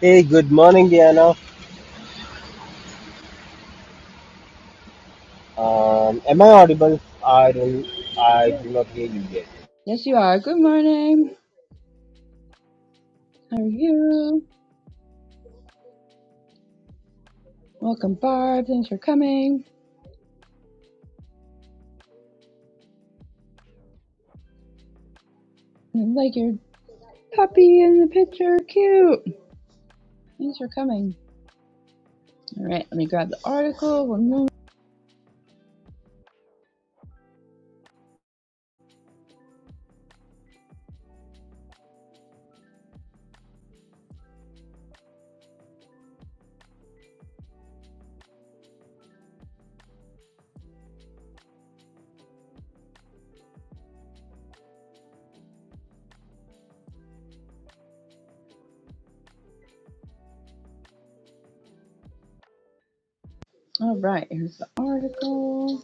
Hey, good morning, Diana. Um, am I audible? I don't. I Yeah. do not hear you yet. Yes, you are. Good morning. How are you? Welcome, Barb. Thanks for coming. I like your puppy in the picture. Cute. Thanks for coming. All right, let me grab the article. One moment. All right, here's the article.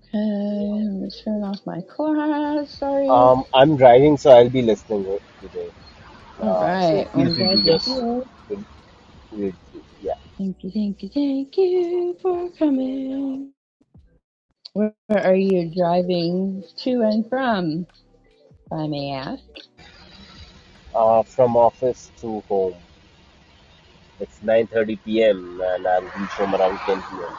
Okay, let me turn off my class. Sorry. Um, I'm driving, so I'll be listening o- today. All Uh, so right, well, feel I'm free glad to you're just, here. read- read- yeah. Thank you, thank you, thank you for coming. Where are you driving to and from? If I may ask. Uh, from office to home. It's 9:30 p.m. and I'll reach home around 10 p.m.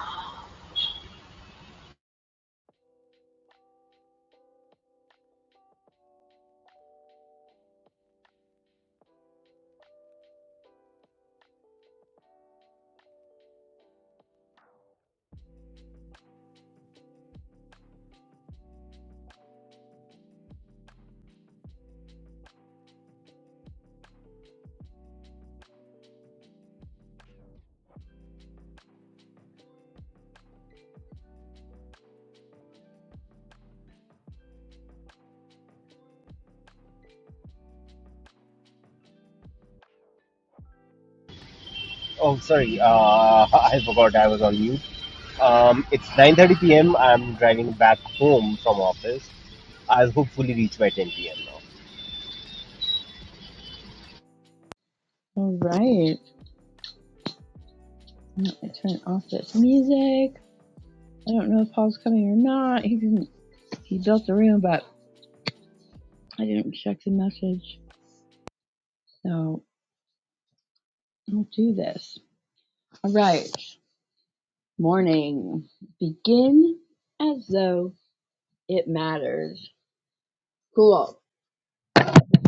Oh, sorry. Uh, I forgot I was on mute. Um, it's 9:30 p.m. I'm driving back home from office. I'll hopefully reach by 10 p.m. All right. No, I turned off this music. I don't know if Paul's coming or not. He didn't. He built the room, but I didn't check the message. So I'll do this. All right. Morning. Begin as though it matters. Cool.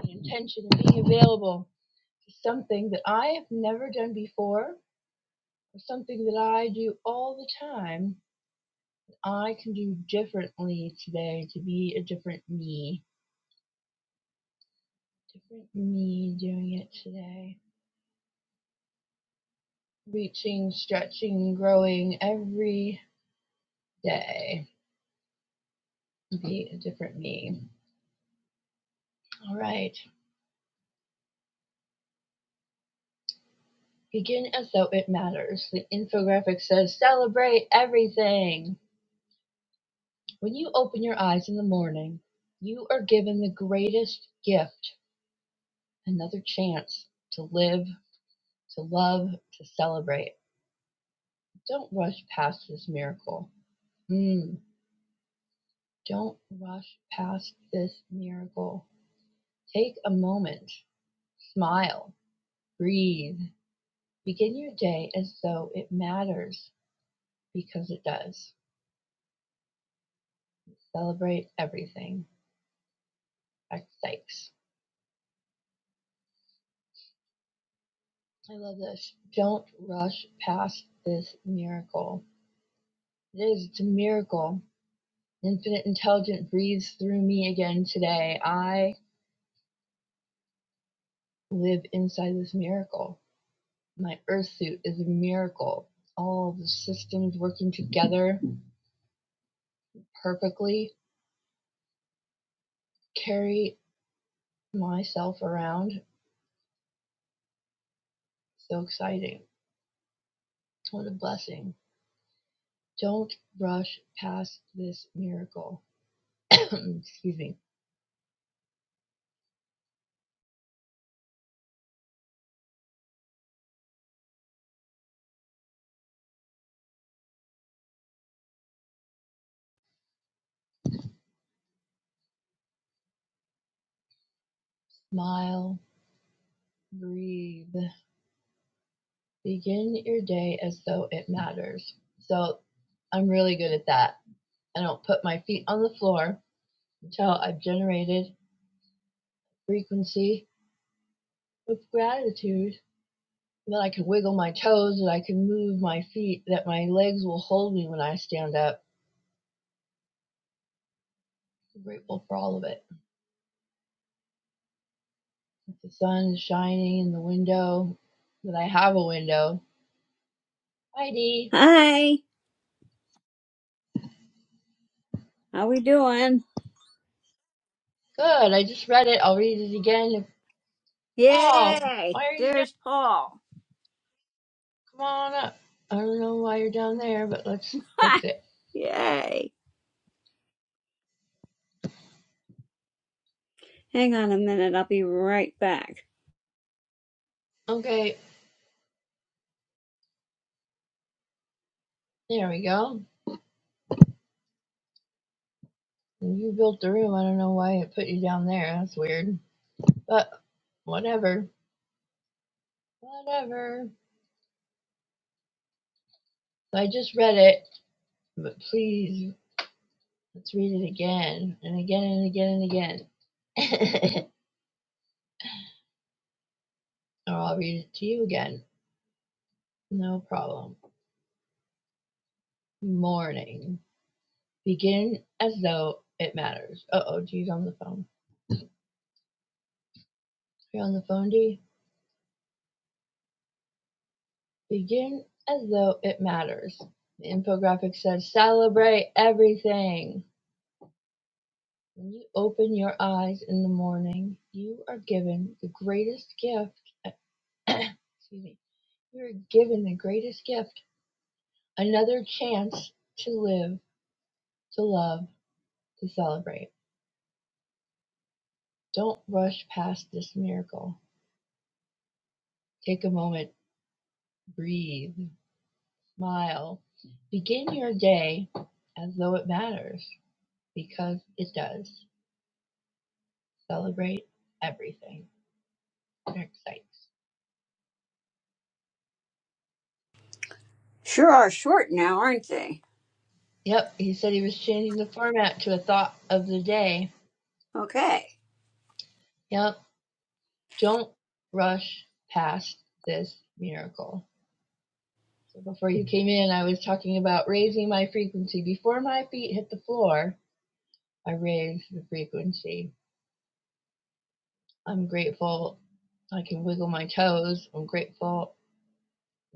the intention of being available is something that I have never done before, or something that I do all the time. I can do differently today to be a different me. Different me doing it today. reaching, stretching, growing every day. Be a different me. All right. Begin as though it matters. The infographic says celebrate everything. When you open your eyes in the morning, you are given the greatest gift another chance to live, to love, to celebrate. Don't rush past this miracle. Mm, don't rush past this miracle. Take a moment, smile, Breathe. Begin your day as though it matters because it does. Celebrate everything. Dr. Sykes. I love this. Don't rush past this miracle. It is. It's a miracle. Infinite intelligence breathes through me again today. I live inside this miracle. My earth suit is a miracle. All the systems working together perfectly carry myself around. So exciting. What a blessing. Don't rush past this miracle. Excuse me. Smile, breathe, begin your day as though it matters. So I'm really good at that. I don't put my feet on the floor until I've generated frequency of gratitude that I can wiggle my toes, that I can move my feet, that my legs will hold me when I stand up. I'm grateful for all of it. If The sun is shining in the window, that I have a window. Heidi. Hi, how we doing? Good. I just read it. I'll read it again. Oh, Yay! why are you down? There's Paul. Come on up. I don't know why you're down there, but let's Ha! fix it. Yay! Hang on a minute, I'll be right back. Okay, there we go. You built the room. I don't know why it put you down there. That's weird. But whatever. Whatever. So I just read it, but please, let's read it again and again and again and again. or I'll read it to you again. No problem. Morning. Begin as though it matters. Uh oh, G's on the phone. You're on the phone, G? Begin as though it matters. The infographic says celebrate everything. When you open your eyes in the morning, you are given the greatest gift. excuse me. You are given the greatest gift. Another chance to live, to love, to celebrate. Don't rush past this miracle. Take a moment, breathe. Smile. Begin your day as though it matters because it does. Celebrate everything. Derek Sykes. Sure are short now, aren't they? Yep, he said he was changing the format to a thought of the day. Okay. Yep, don't rush past this miracle. So before you came in, I was talking about raising my frequency. Before my feet hit the floor, I raised the frequency. I'm grateful I can wiggle my toes. I'm grateful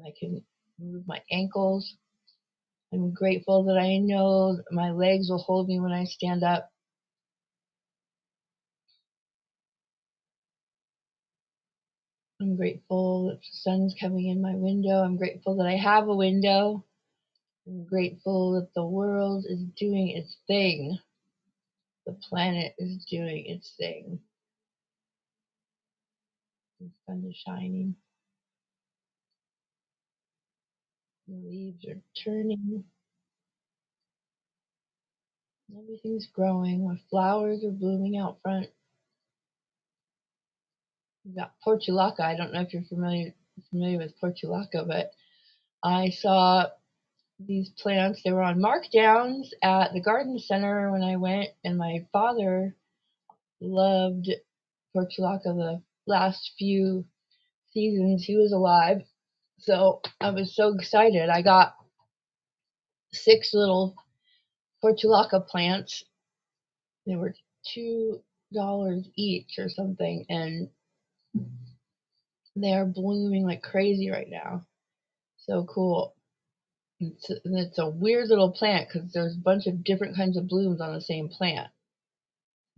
I can move my ankles. I'm grateful that I know that my legs will hold me when I stand up. I'm grateful that the sun's coming in my window. I'm grateful that I have a window. I'm grateful that the world is doing its thing. The planet is doing its thing. The sun is shining. The leaves are turning. Everything's growing. My flowers are blooming out front. We've got portulaca. I don't know if you're familiar familiar with portulaca, but I saw these plants. They were on markdowns at the garden center when I went, and my father loved portulaca the last few seasons he was alive. So I was so excited. I got six little portulaca plants. They were two dollars each or something, and they are blooming like crazy right now. So cool. It's, it's a weird little plant because there's a bunch of different kinds of blooms on the same plant.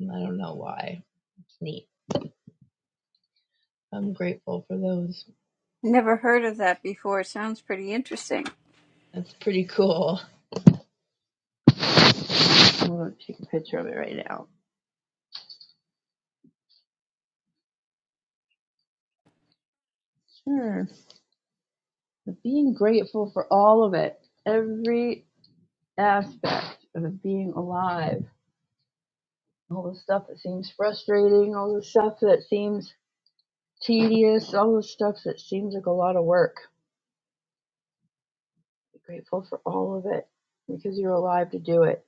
I don't know why. It's neat. I'm grateful for those. Never heard of that before. Sounds pretty interesting. That's pretty cool. I'm going to take a picture of it right now. Sure. But being grateful for all of it, every aspect of being alive, all the stuff that seems frustrating, all the stuff that seems tedious, all the stuff that seems like a lot of work. Be grateful for all of it because you're alive to do it.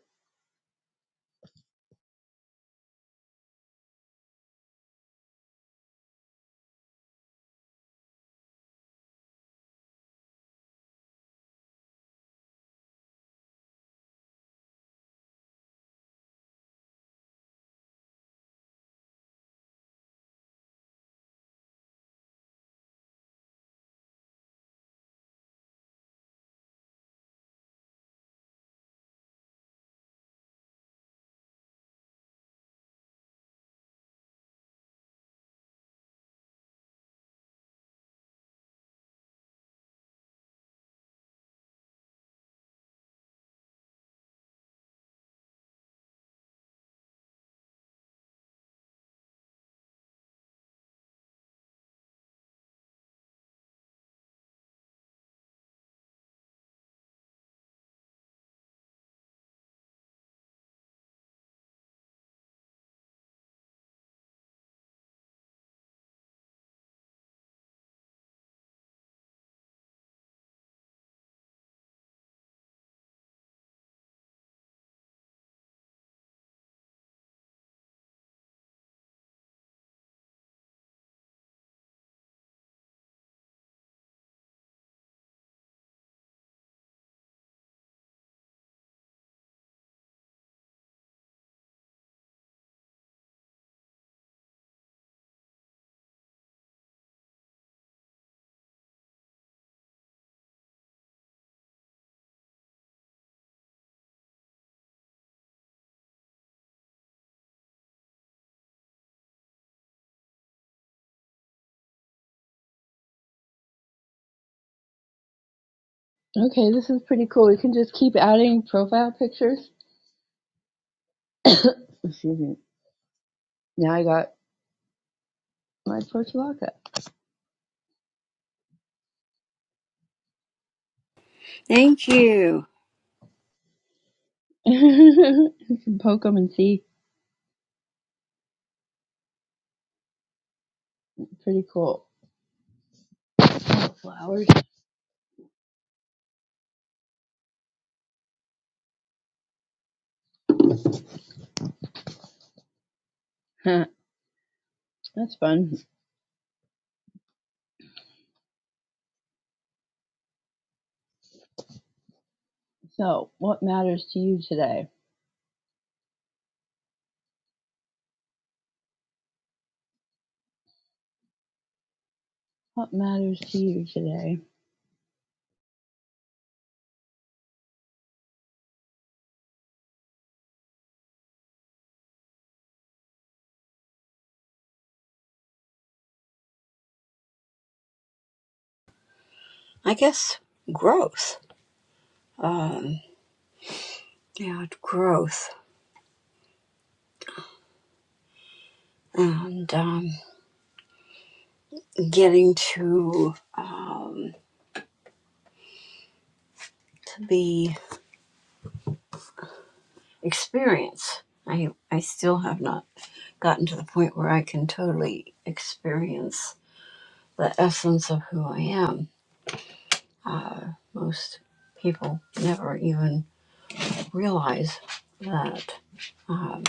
Okay, this is pretty cool. You can just keep adding profile pictures. Excuse me. Now I got like Portulaca. Thank you. you can poke them and see. Pretty cool. Flowers. That's fun. So, what matters to you today? What matters to you today? I guess growth. Um, yeah, growth and um, getting to um, to be experience. I I still have not. gotten to the point where I can totally experience the essence of who I am. Uh, most people never even realize that, um,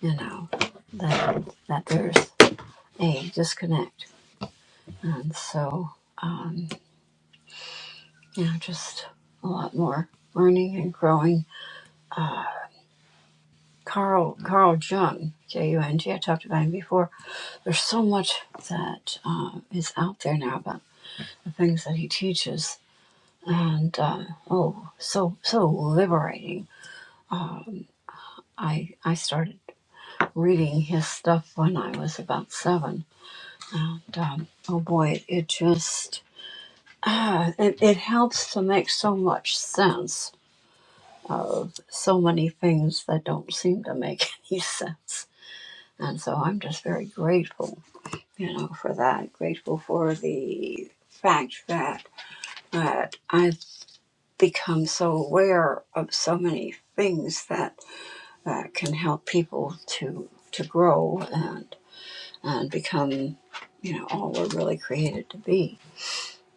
you know, that, that there's a disconnect. And so, um, you know, just a lot more learning and growing. Uh, Carl, Carl Jung, J-U-N-G, I talked about him before. There's so much that uh, is out there now about the things that he teaches and um, oh, so so liberating. Um, I I started reading his stuff when I was about seven, and um, oh boy, it it just uh, it, it helps to make so much sense of so many things that don't seem to make any sense. And so I'm just very grateful, you know, for that. Grateful for the fact that that I've become so aware of so many things that that can help people to to grow and and become you know all we're really created to be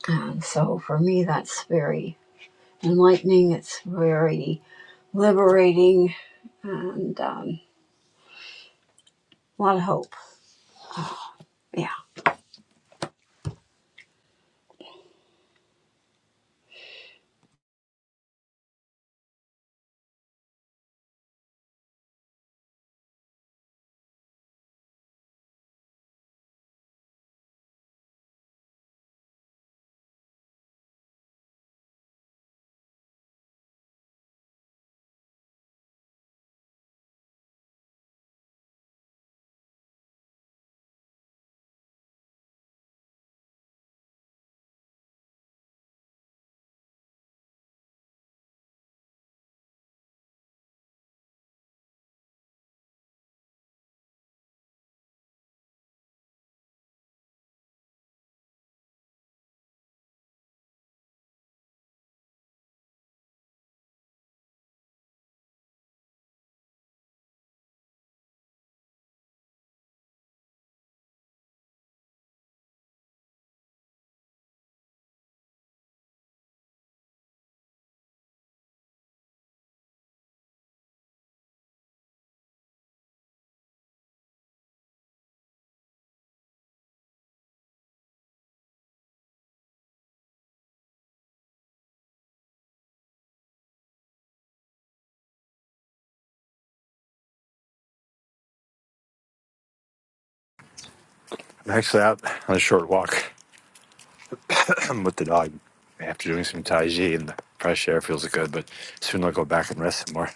and so for me that's very enlightening it's very liberating and um, a lot of hope yeah Actually, out on a short walk with the dog after doing some Tai Chi and the fresh air feels good, but soon I'll go back and rest some more.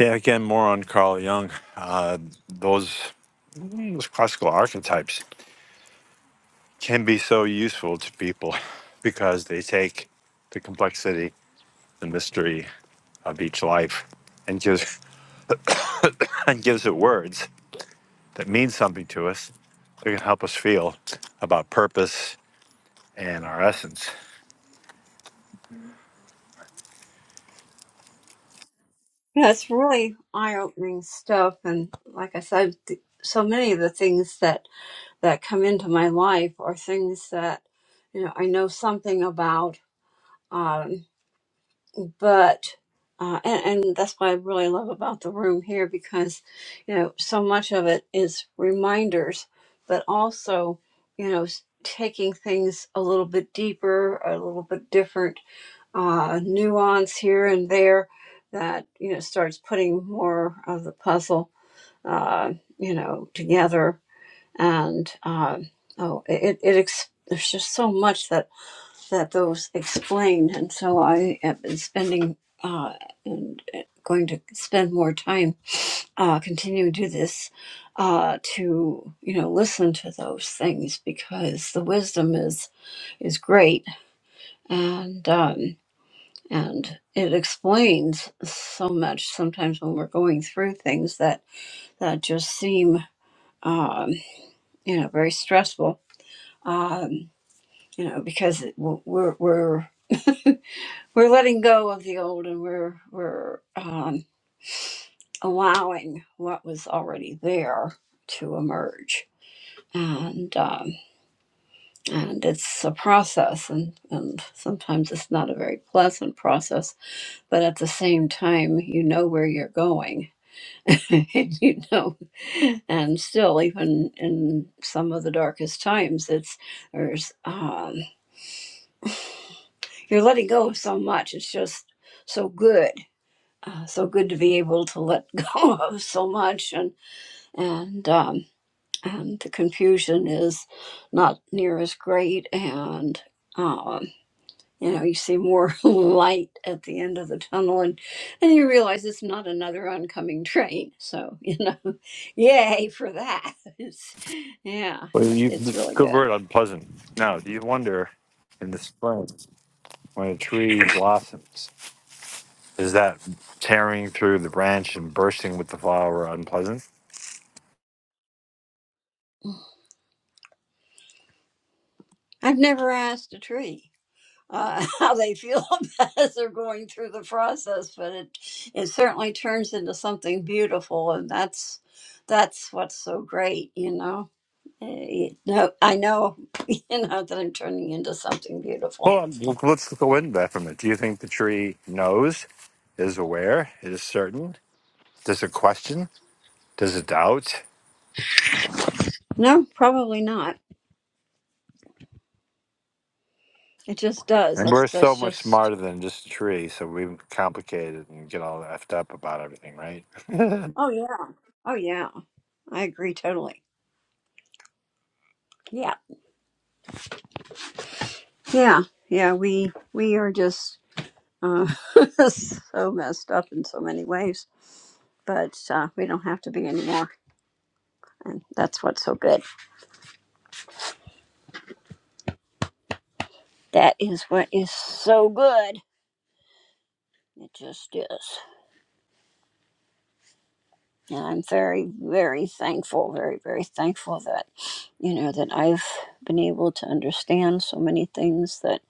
Yeah, again, more on Carl Jung. Uh, those, mm, those classical archetypes can be so useful to people because they take the complexity, the mystery of each life and gives, and gives it words that mean something to us that can help us feel about purpose and our essence. yeah it's really eye-opening stuff and like i said th- so many of the things that that come into my life are things that you know i know something about um, but uh, and, and that's what I really love about the room here because you know so much of it is reminders, but also you know s- taking things a little bit deeper, a little bit different uh, nuance here and there that you know starts putting more of the puzzle uh, you know together and um, oh it it ex- there's just so much that that those explain. And so I have been spending uh, and going to spend more time uh, continuing to do this uh, to you know listen to those things because the wisdom is is great and um, and it explains so much sometimes when we're going through things that that just seem um, you know very stressful um, you know because it, we're we're we're letting go of the old and we're we're um, allowing what was already there to emerge and um, and it's a process and, and sometimes it's not a very pleasant process but at the same time you know where you're going and you know and still even in some of the darkest times it's there's um, you're letting go of so much it's just so good uh, so good to be able to let go of so much and and um, and the confusion is not near as great and um, you know you see more light at the end of the tunnel and and you realize it's not another oncoming train so you know yay for that it's, yeah Well, it's you, it's really good good word, unpleasant. Now, do you wonder in the spring when a tree blossoms, is that tearing through the branch and bursting with the flower unpleasant? i've never asked a tree uh, how they feel as they're going through the process, but it it certainly turns into something beautiful, and that's that's what's so great, you know. Eh, eh, no, I know, you know, that I'm turning into something beautiful. Well, look- let's go into that for a minute. Do you think the tree knows, is aware, is certain? Does it question? Does it doubt? No, probably not. It just does. And we're That's so that's much just. smarter than just a tree, so we complicate it and get all effed up about everything, right? Oh yeah. Oh yeah. I agree totally. Yeah. Yeah. Yeah. We we are just uh, so messed up in so many ways, but uh, we don't have to be anymore. And that's what's so good. That is what is so good. It just is. And I'm very, very thankful, very, very thankful that, you know, that I've been able to understand so many things that,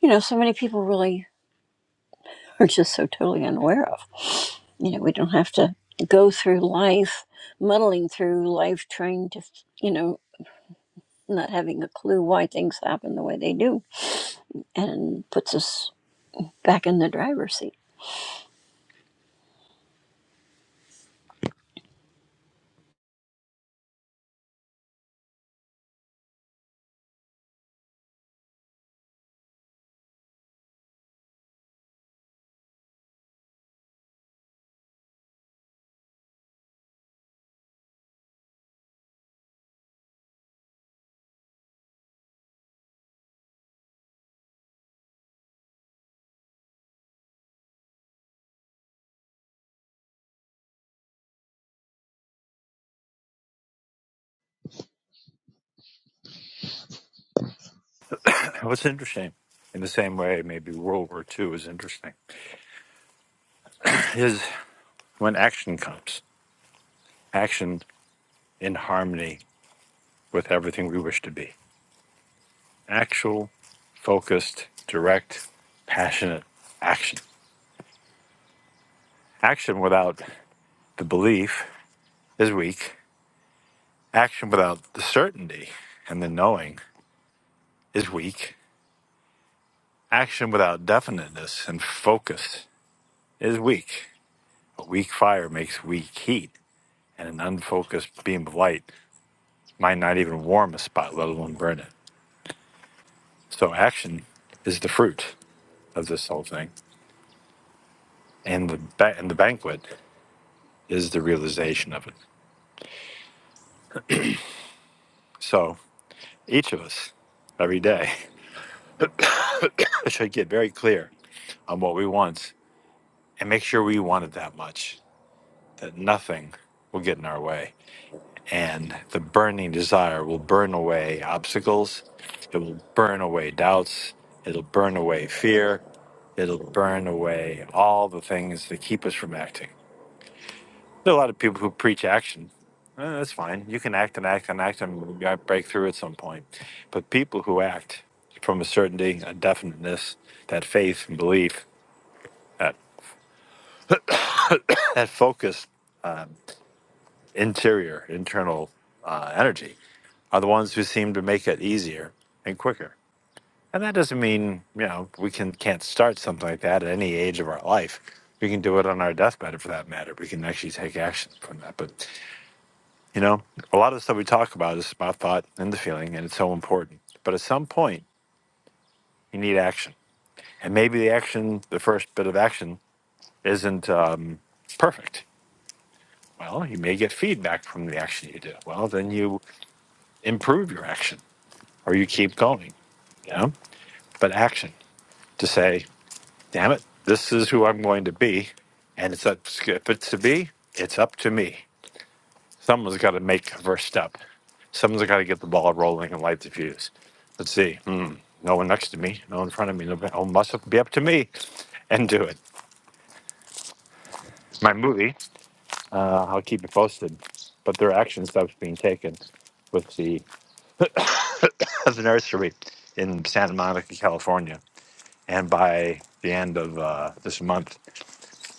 you know, so many people really are just so totally unaware of. You know, we don't have to go through life muddling through life trying to, you know, not having a clue why things happen the way they do and puts us back in the driver's seat. What's interesting? In the same way, maybe World War II is interesting. when action comes, action in harmony with everything we wish to be. Actual, focused, direct, passionate action. Action without the belief is weak. Action without the certainty and the knowing is weak. Action without definiteness and focus is weak. A weak fire makes weak heat, and an unfocused beam of light might not even warm a spot, let alone burn it. So, action is the fruit of this whole thing and the ba- and the banquet is the realization of it. So each of us, every day, should get very clear on what we want and make sure we want it that much that nothing will get in our way, and the burning desire will burn away obstacles. It will burn away doubts. It'll burn away fear. It'll burn away all the things that keep us from acting. There are a lot of people who preach action. Eh, that's fine. You can act and act and act and you might break through at some point. But people who act from a certainty, a definiteness, that faith and belief, that, that focused interior, internal uh, energy, are the ones who seem to make it easier and quicker. And that doesn't mean, you know, we can, can't start something like that at any age of our life. We can do it on our deathbed for that matter. We can actually take action from that. But You know, a lot of the stuff we talk about is my thought and the feeling, and it's so important. But at some point, you need action. And maybe the action, the first bit of action, isn't um, perfect. Well, you may get feedback from the action you do. Well, then you improve your action or you keep going, you know? But action to say, damn it, this is who I'm going to be. And it's up, if it's to be, it's up to me. Someone's got to make the first step. Someone's got to get the ball rolling and light the fuse. Let's see. Hmm. No one next to me. No one in front of me. No, oh, must be up to me, and do it. My movie. Uh, I'll keep it posted. But there are action steps being taken with the the nursery in Santa Monica, California, and by the end of uh, this month,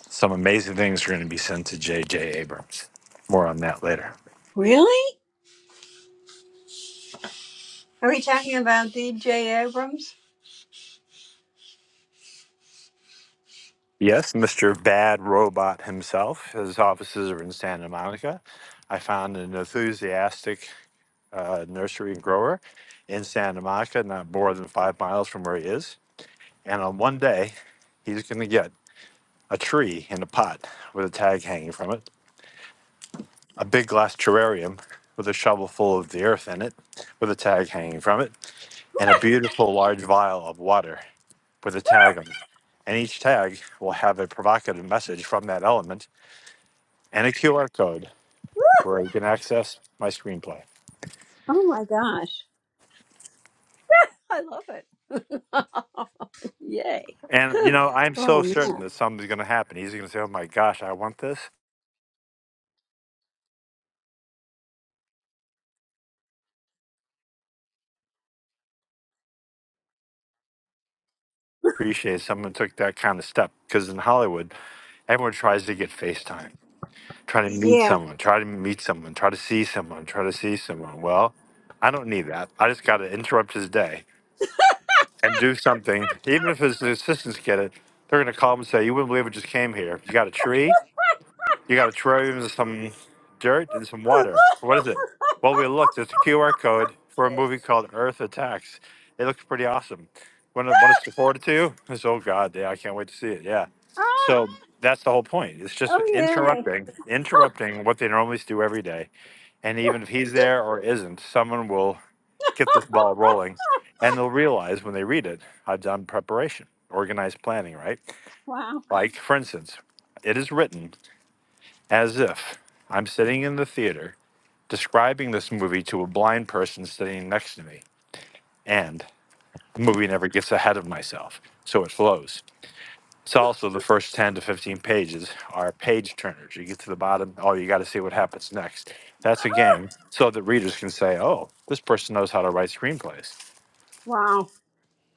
some amazing things are going to be sent to J. J. Abrams. More on that later. Really? Are we talking about DJ Abrams? Yes, Mr. Bad Robot himself. His offices are in Santa Monica. I found an enthusiastic uh, nursery grower in Santa Monica, not more than five miles from where he is. And on one day, he's going to get a tree in a pot with a tag hanging from it, a big glass terrarium with a shovel full of the earth in it with a tag hanging from it, and a beautiful large vial of water with a tag on it. And each tag will have a provocative message from that element and a QR code where you can access my screenplay. Oh my gosh. I love it. Yay. And you know, I'm Oh so certain man. that something's going to happen. He's going to say, "Oh my gosh, I want this." Appreciate someone took that kind of step because in Hollywood, everyone tries to get FaceTime, try to meet Yeah. someone, try to meet someone, try to see someone, try to see someone. Well, I don't need that. I just got to interrupt his day and do something. Even if his assistants get it, they're going to call him and say, "You wouldn't believe it just came here. You got a tree? You got a terrarium and some dirt and some water. What is it? Well, we looked. It's a QR code for a movie called Earth Attacks. It looks pretty awesome. Want to want us to forward it to you? It's, oh God, yeah, I can't wait to see it. Yeah. Ah, So that's the whole point. It's just oh yay. interrupting, interrupting what they normally do every day. And even if he's there or isn't, someone will get this ball rolling, and they'll realize when they read it, I've done preparation, organized planning, right? Wow. Like, for instance, it is written as if I'm sitting in the theater describing this movie to a blind person sitting next to me. And the movie never gets ahead of myself, so it flows. It's also the first 10 to 15 pages are page turners. You get to the bottom, oh, you got to see what happens next. That's a game so that readers can say, oh, this person knows how to write screenplays. Wow.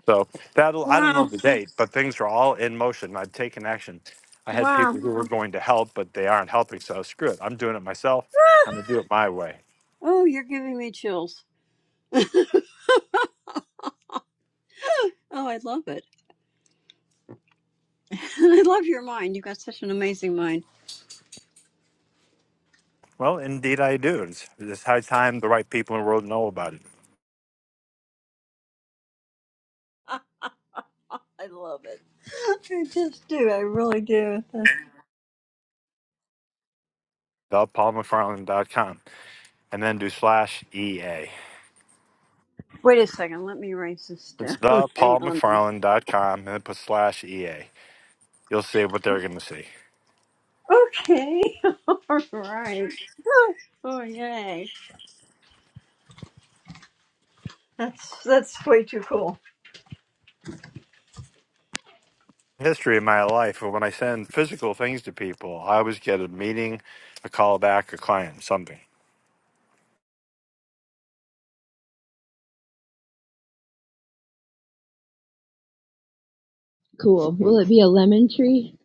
So that'll, I don't Wow. know the date, but things are all in motion. I've taken action. I had Wow. people who were going to help, but they aren't helping. So screw it. I'm doing it myself. I'm going to do it my way. Oh, you're giving me chills. Oh, I love it. I love your mind. You've got such an amazing mind. Well, indeed I do. It's, it's high time the right people in the world know about it. I love it. I just do. I really do. The ThePaulMcFarland.com and then do slash EA. Wait a second. Let me write this It's down. the Hang on. ThePaulMcFarland.com and then put slash EA. You'll see what they're going to see. Okay. All right. Oh, yay. That's that's way too cool. History of my life, when I send physical things to people, I always get a meeting, a call back, a client, something. Cool. Will it be a lemon tree?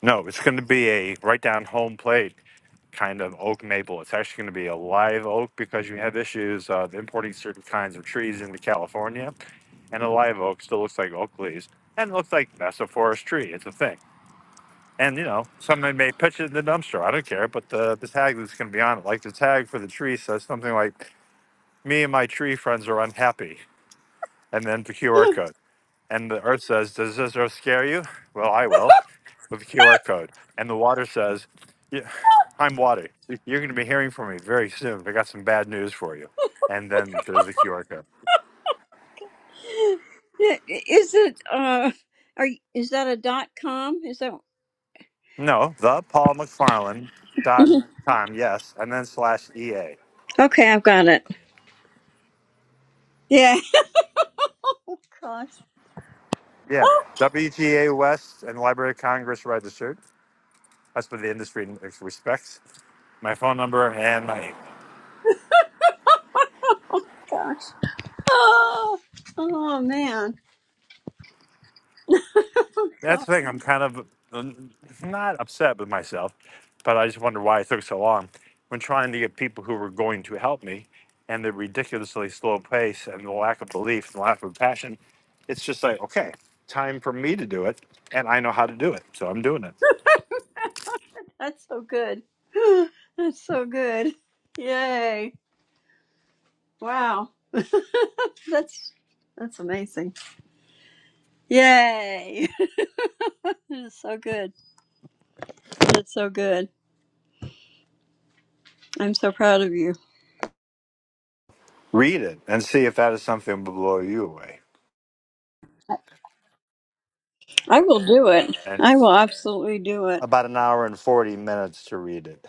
No, it's going to be a right down home plate kind of oak maple. It's actually going to be a live oak because you have issues uh, of importing certain kinds of trees into California, and a live oak still looks like oak leaves and it looks like that's a forest tree. It's a thing. And you know, somebody may pitch it in the dumpster. I don't care, but the the tag that's going to be on it, like the tag for the tree, says something like, "Me and my tree friends are unhappy," and then the QR code. And the earth says, Does this earth scare you? Well, I will with the QR code. And the water says, yeah, I'm water. You're going to be hearing from me very soon. I got some bad news for you. And then there's the QR code. Yeah, i- Is it uh are you- is that a dot com? Is that No, the Paul McFarland dot Mhm. com, yes, and then slash EA. Okay, I've got it. Yeah. Gosh. Yeah, Oh WGA West and Library of Congress registered. That's what the industry respects. My phone number and my oh, gosh. Oh, oh man. That's God, the thing. I'm kind of um, not upset with myself, but I just wonder why it took so long when trying to get people who were going to help me and the ridiculously slow pace and the lack of belief and lack of passion. It's just like, okay, time for me to do it. And I know how to do it. So I'm doing it. that's so good. That's so good. Yay. Wow. That's that's amazing. Yay. This is so good. That's so good. I'm so proud of you. Read it and see if that is something that will blow you away. I will do it. And I will absolutely do it. About an hour and 40 minutes to read it.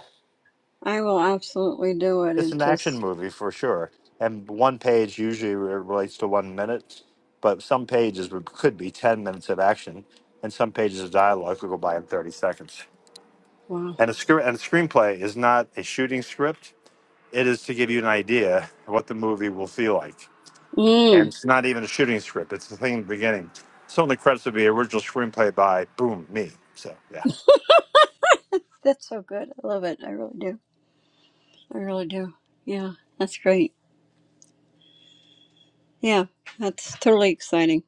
I will absolutely do it. It's It an action just, movie for sure, and one page usually re- relates to one minute, but some pages would, could be ten minutes of action, and some pages of dialogue could go by in thirty seconds. wow. And a scr- and a screenplay is not a shooting script; it is to give you an idea of what the movie will feel like. And Mm, it's not even a shooting script; it's the thing in the beginning. So in the credits would be original screenplay by boom me. So yeah, that's so good. I love it. I really do. I really do. Yeah, that's great. Yeah, that's totally exciting.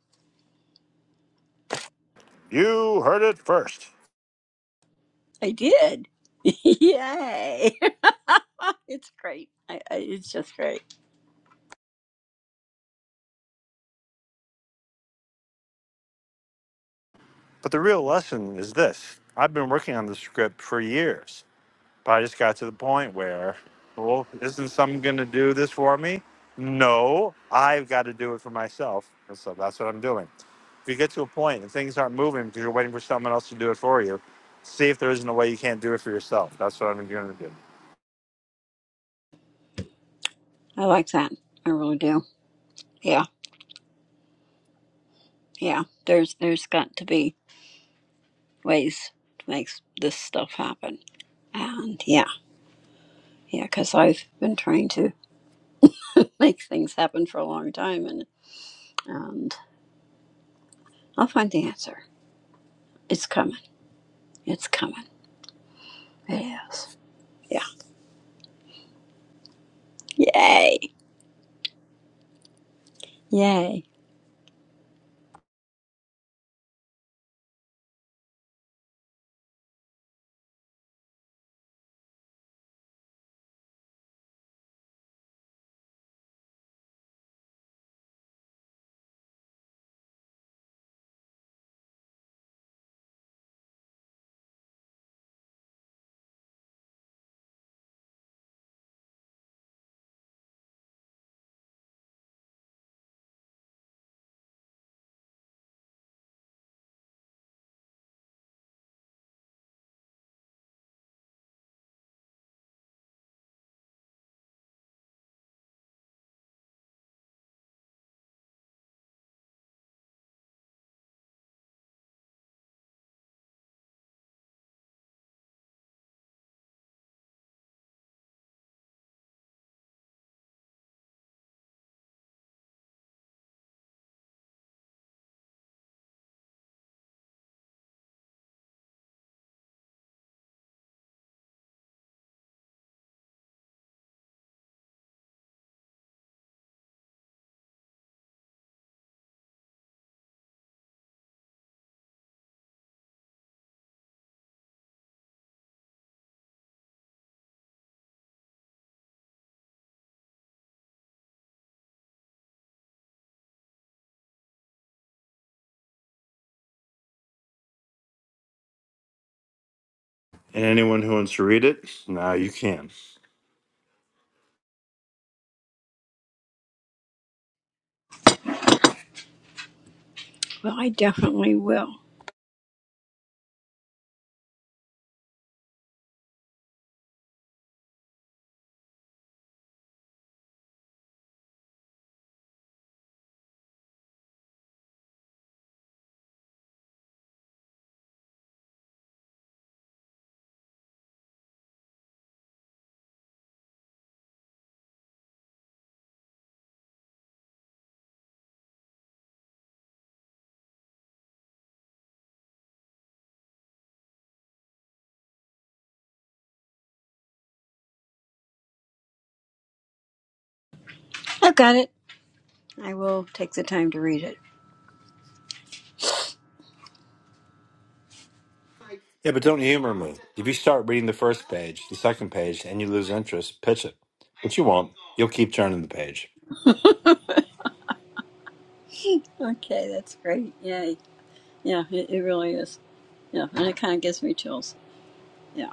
you heard it first. I did. Yay. it's great. I, I, it's just great. But the real lesson is this: I've been working on the script for years But I just got to the point where, well, isn't someone going to do this for me? No, I've got to do it for myself. And so that's what I'm doing. If you get to a point and things aren't moving because you're waiting for someone else to do it for you, see if there isn't a way you can't do it for yourself. That's what I'm going to do. I like that. I really do. Yeah, yeah. There's there's got to be ways to make s- this stuff happen. And yeah. Yeah, because I've been trying to make things happen for a long time, and and I'll find the answer. It's coming. It's coming. It is. Yeah. Yay. Yay. And anyone who wants to read it, now you can. Well, I definitely will. I've got it. I will take the time to read it. Yeah, but don't humor me. If you start reading the first page, the second page, and you lose interest, pitch it. But you won't. You'll keep turning the page. Okay, that's great. Yay. Yeah, it, it really is. Yeah, and it kind of gives me chills. Yeah.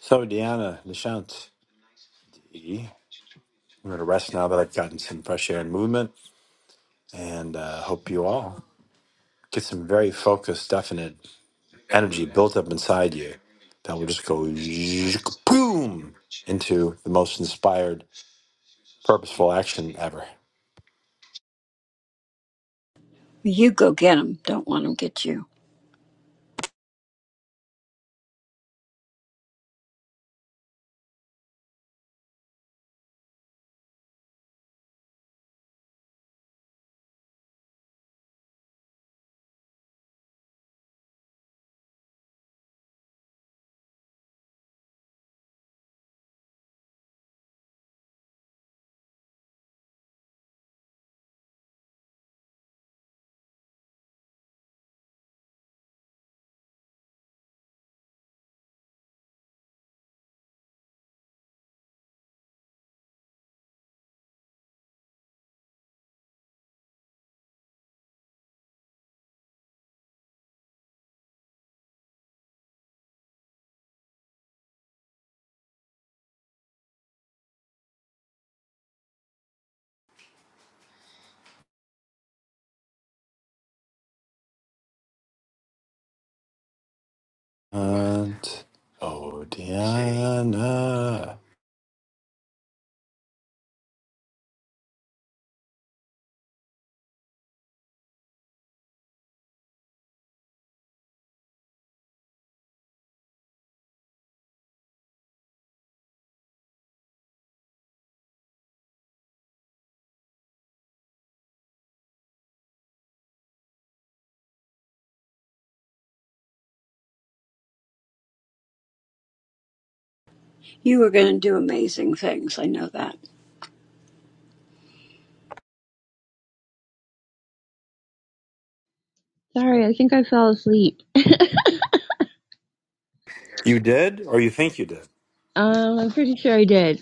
So, Deanna, Nishant, I'm going to rest now that I've gotten some fresh air and movement, and uh, hope you all get some very focused, definite energy built up inside you that will just go boom into the most inspired, purposeful action ever. You go get 'em. Don't let 'em get you. And oh, Deanna, You are going to do amazing things. I know that. Sorry, I think I fell asleep. you did, or you think you did? Um, I'm pretty sure I did.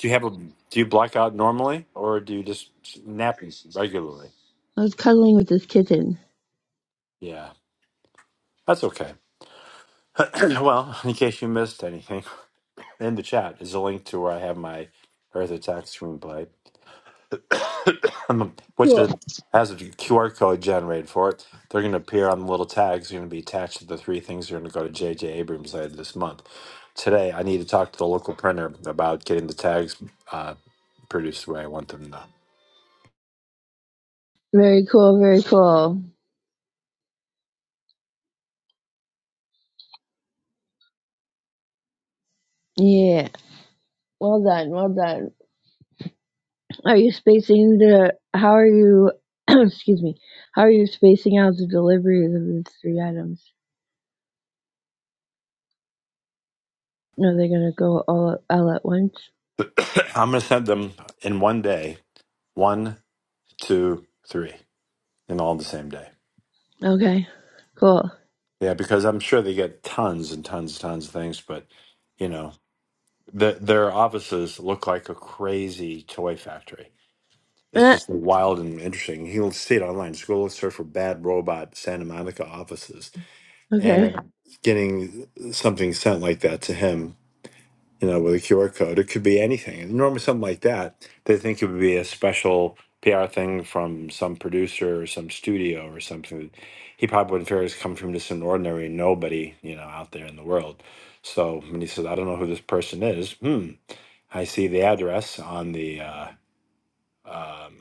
Do you have a? Do you black out normally, or do you just nap regularly? I was cuddling with this kitten. Yeah, that's okay. well, in case you missed anything. in the chat is a link to where I have my Earth Attack screenplay, um, which Cool. is, has a QR code generated for it. They're going to appear on the little tags. They're going to be attached to the three things that are going to go to J.J. Abrams later this month. Today, I need to talk to the local printer about getting the tags uh, produced the way I want them to. Very cool, very cool. Yeah. Well done, well done. Are you spacing the how are you excuse me. How are you spacing out the deliveries of these three items? No, they're gonna go all all at once. I'm going to send them in one day one, two, three, and all on the same day. Okay, cool. Yeah, because I'm sure they get tons and tons and tons of things, but. You know, The, their offices look like a crazy toy factory. It's Eh, just wild and interesting. You'll see it online. Just go search for "bad robot Santa Monica offices" okay, and getting something sent like that to him. You know, with a QR code, it could be anything. And normally, something like that, they think it would be a special PR thing from some producer or some studio or something. He probably wouldn't figure it's coming from just an ordinary nobody, you know, out there in the world. So when he says, "I don't know who this person is," hmm, I see the address on the uh, um,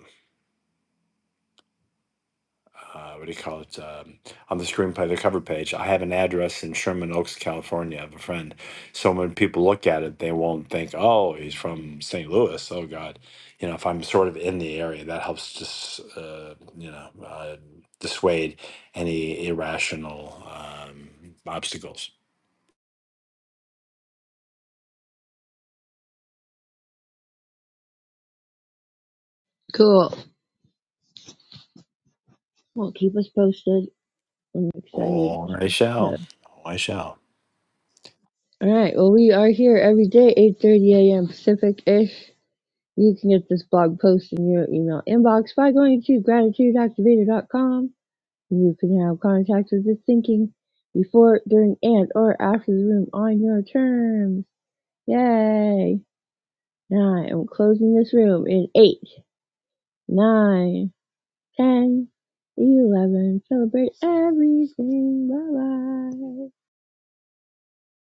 uh, what do you call it um, on the screenplay, the cover page. I have an address in Sherman Oaks, California, of a friend. So when people look at it, they won't think, "Oh, he's from St. Louis." Oh God, you know, if I'm sort of in the area, that helps just uh, you know uh, dissuade any irrational um, obstacles. cool. Well, keep us posted. I'm excited. Oh, I To... shall. Oh, I shall. All right. Well, we are here every day, 8:30 a.m. Pacific ish. You can get this blog post in your email inbox by going to gratitudeactivator.com. You can have contact with this thinking before, during, and or after the room on your terms. Yay! Now I am closing this room in eight, nine. Ten, eleven, celebrate everything. Bye bye.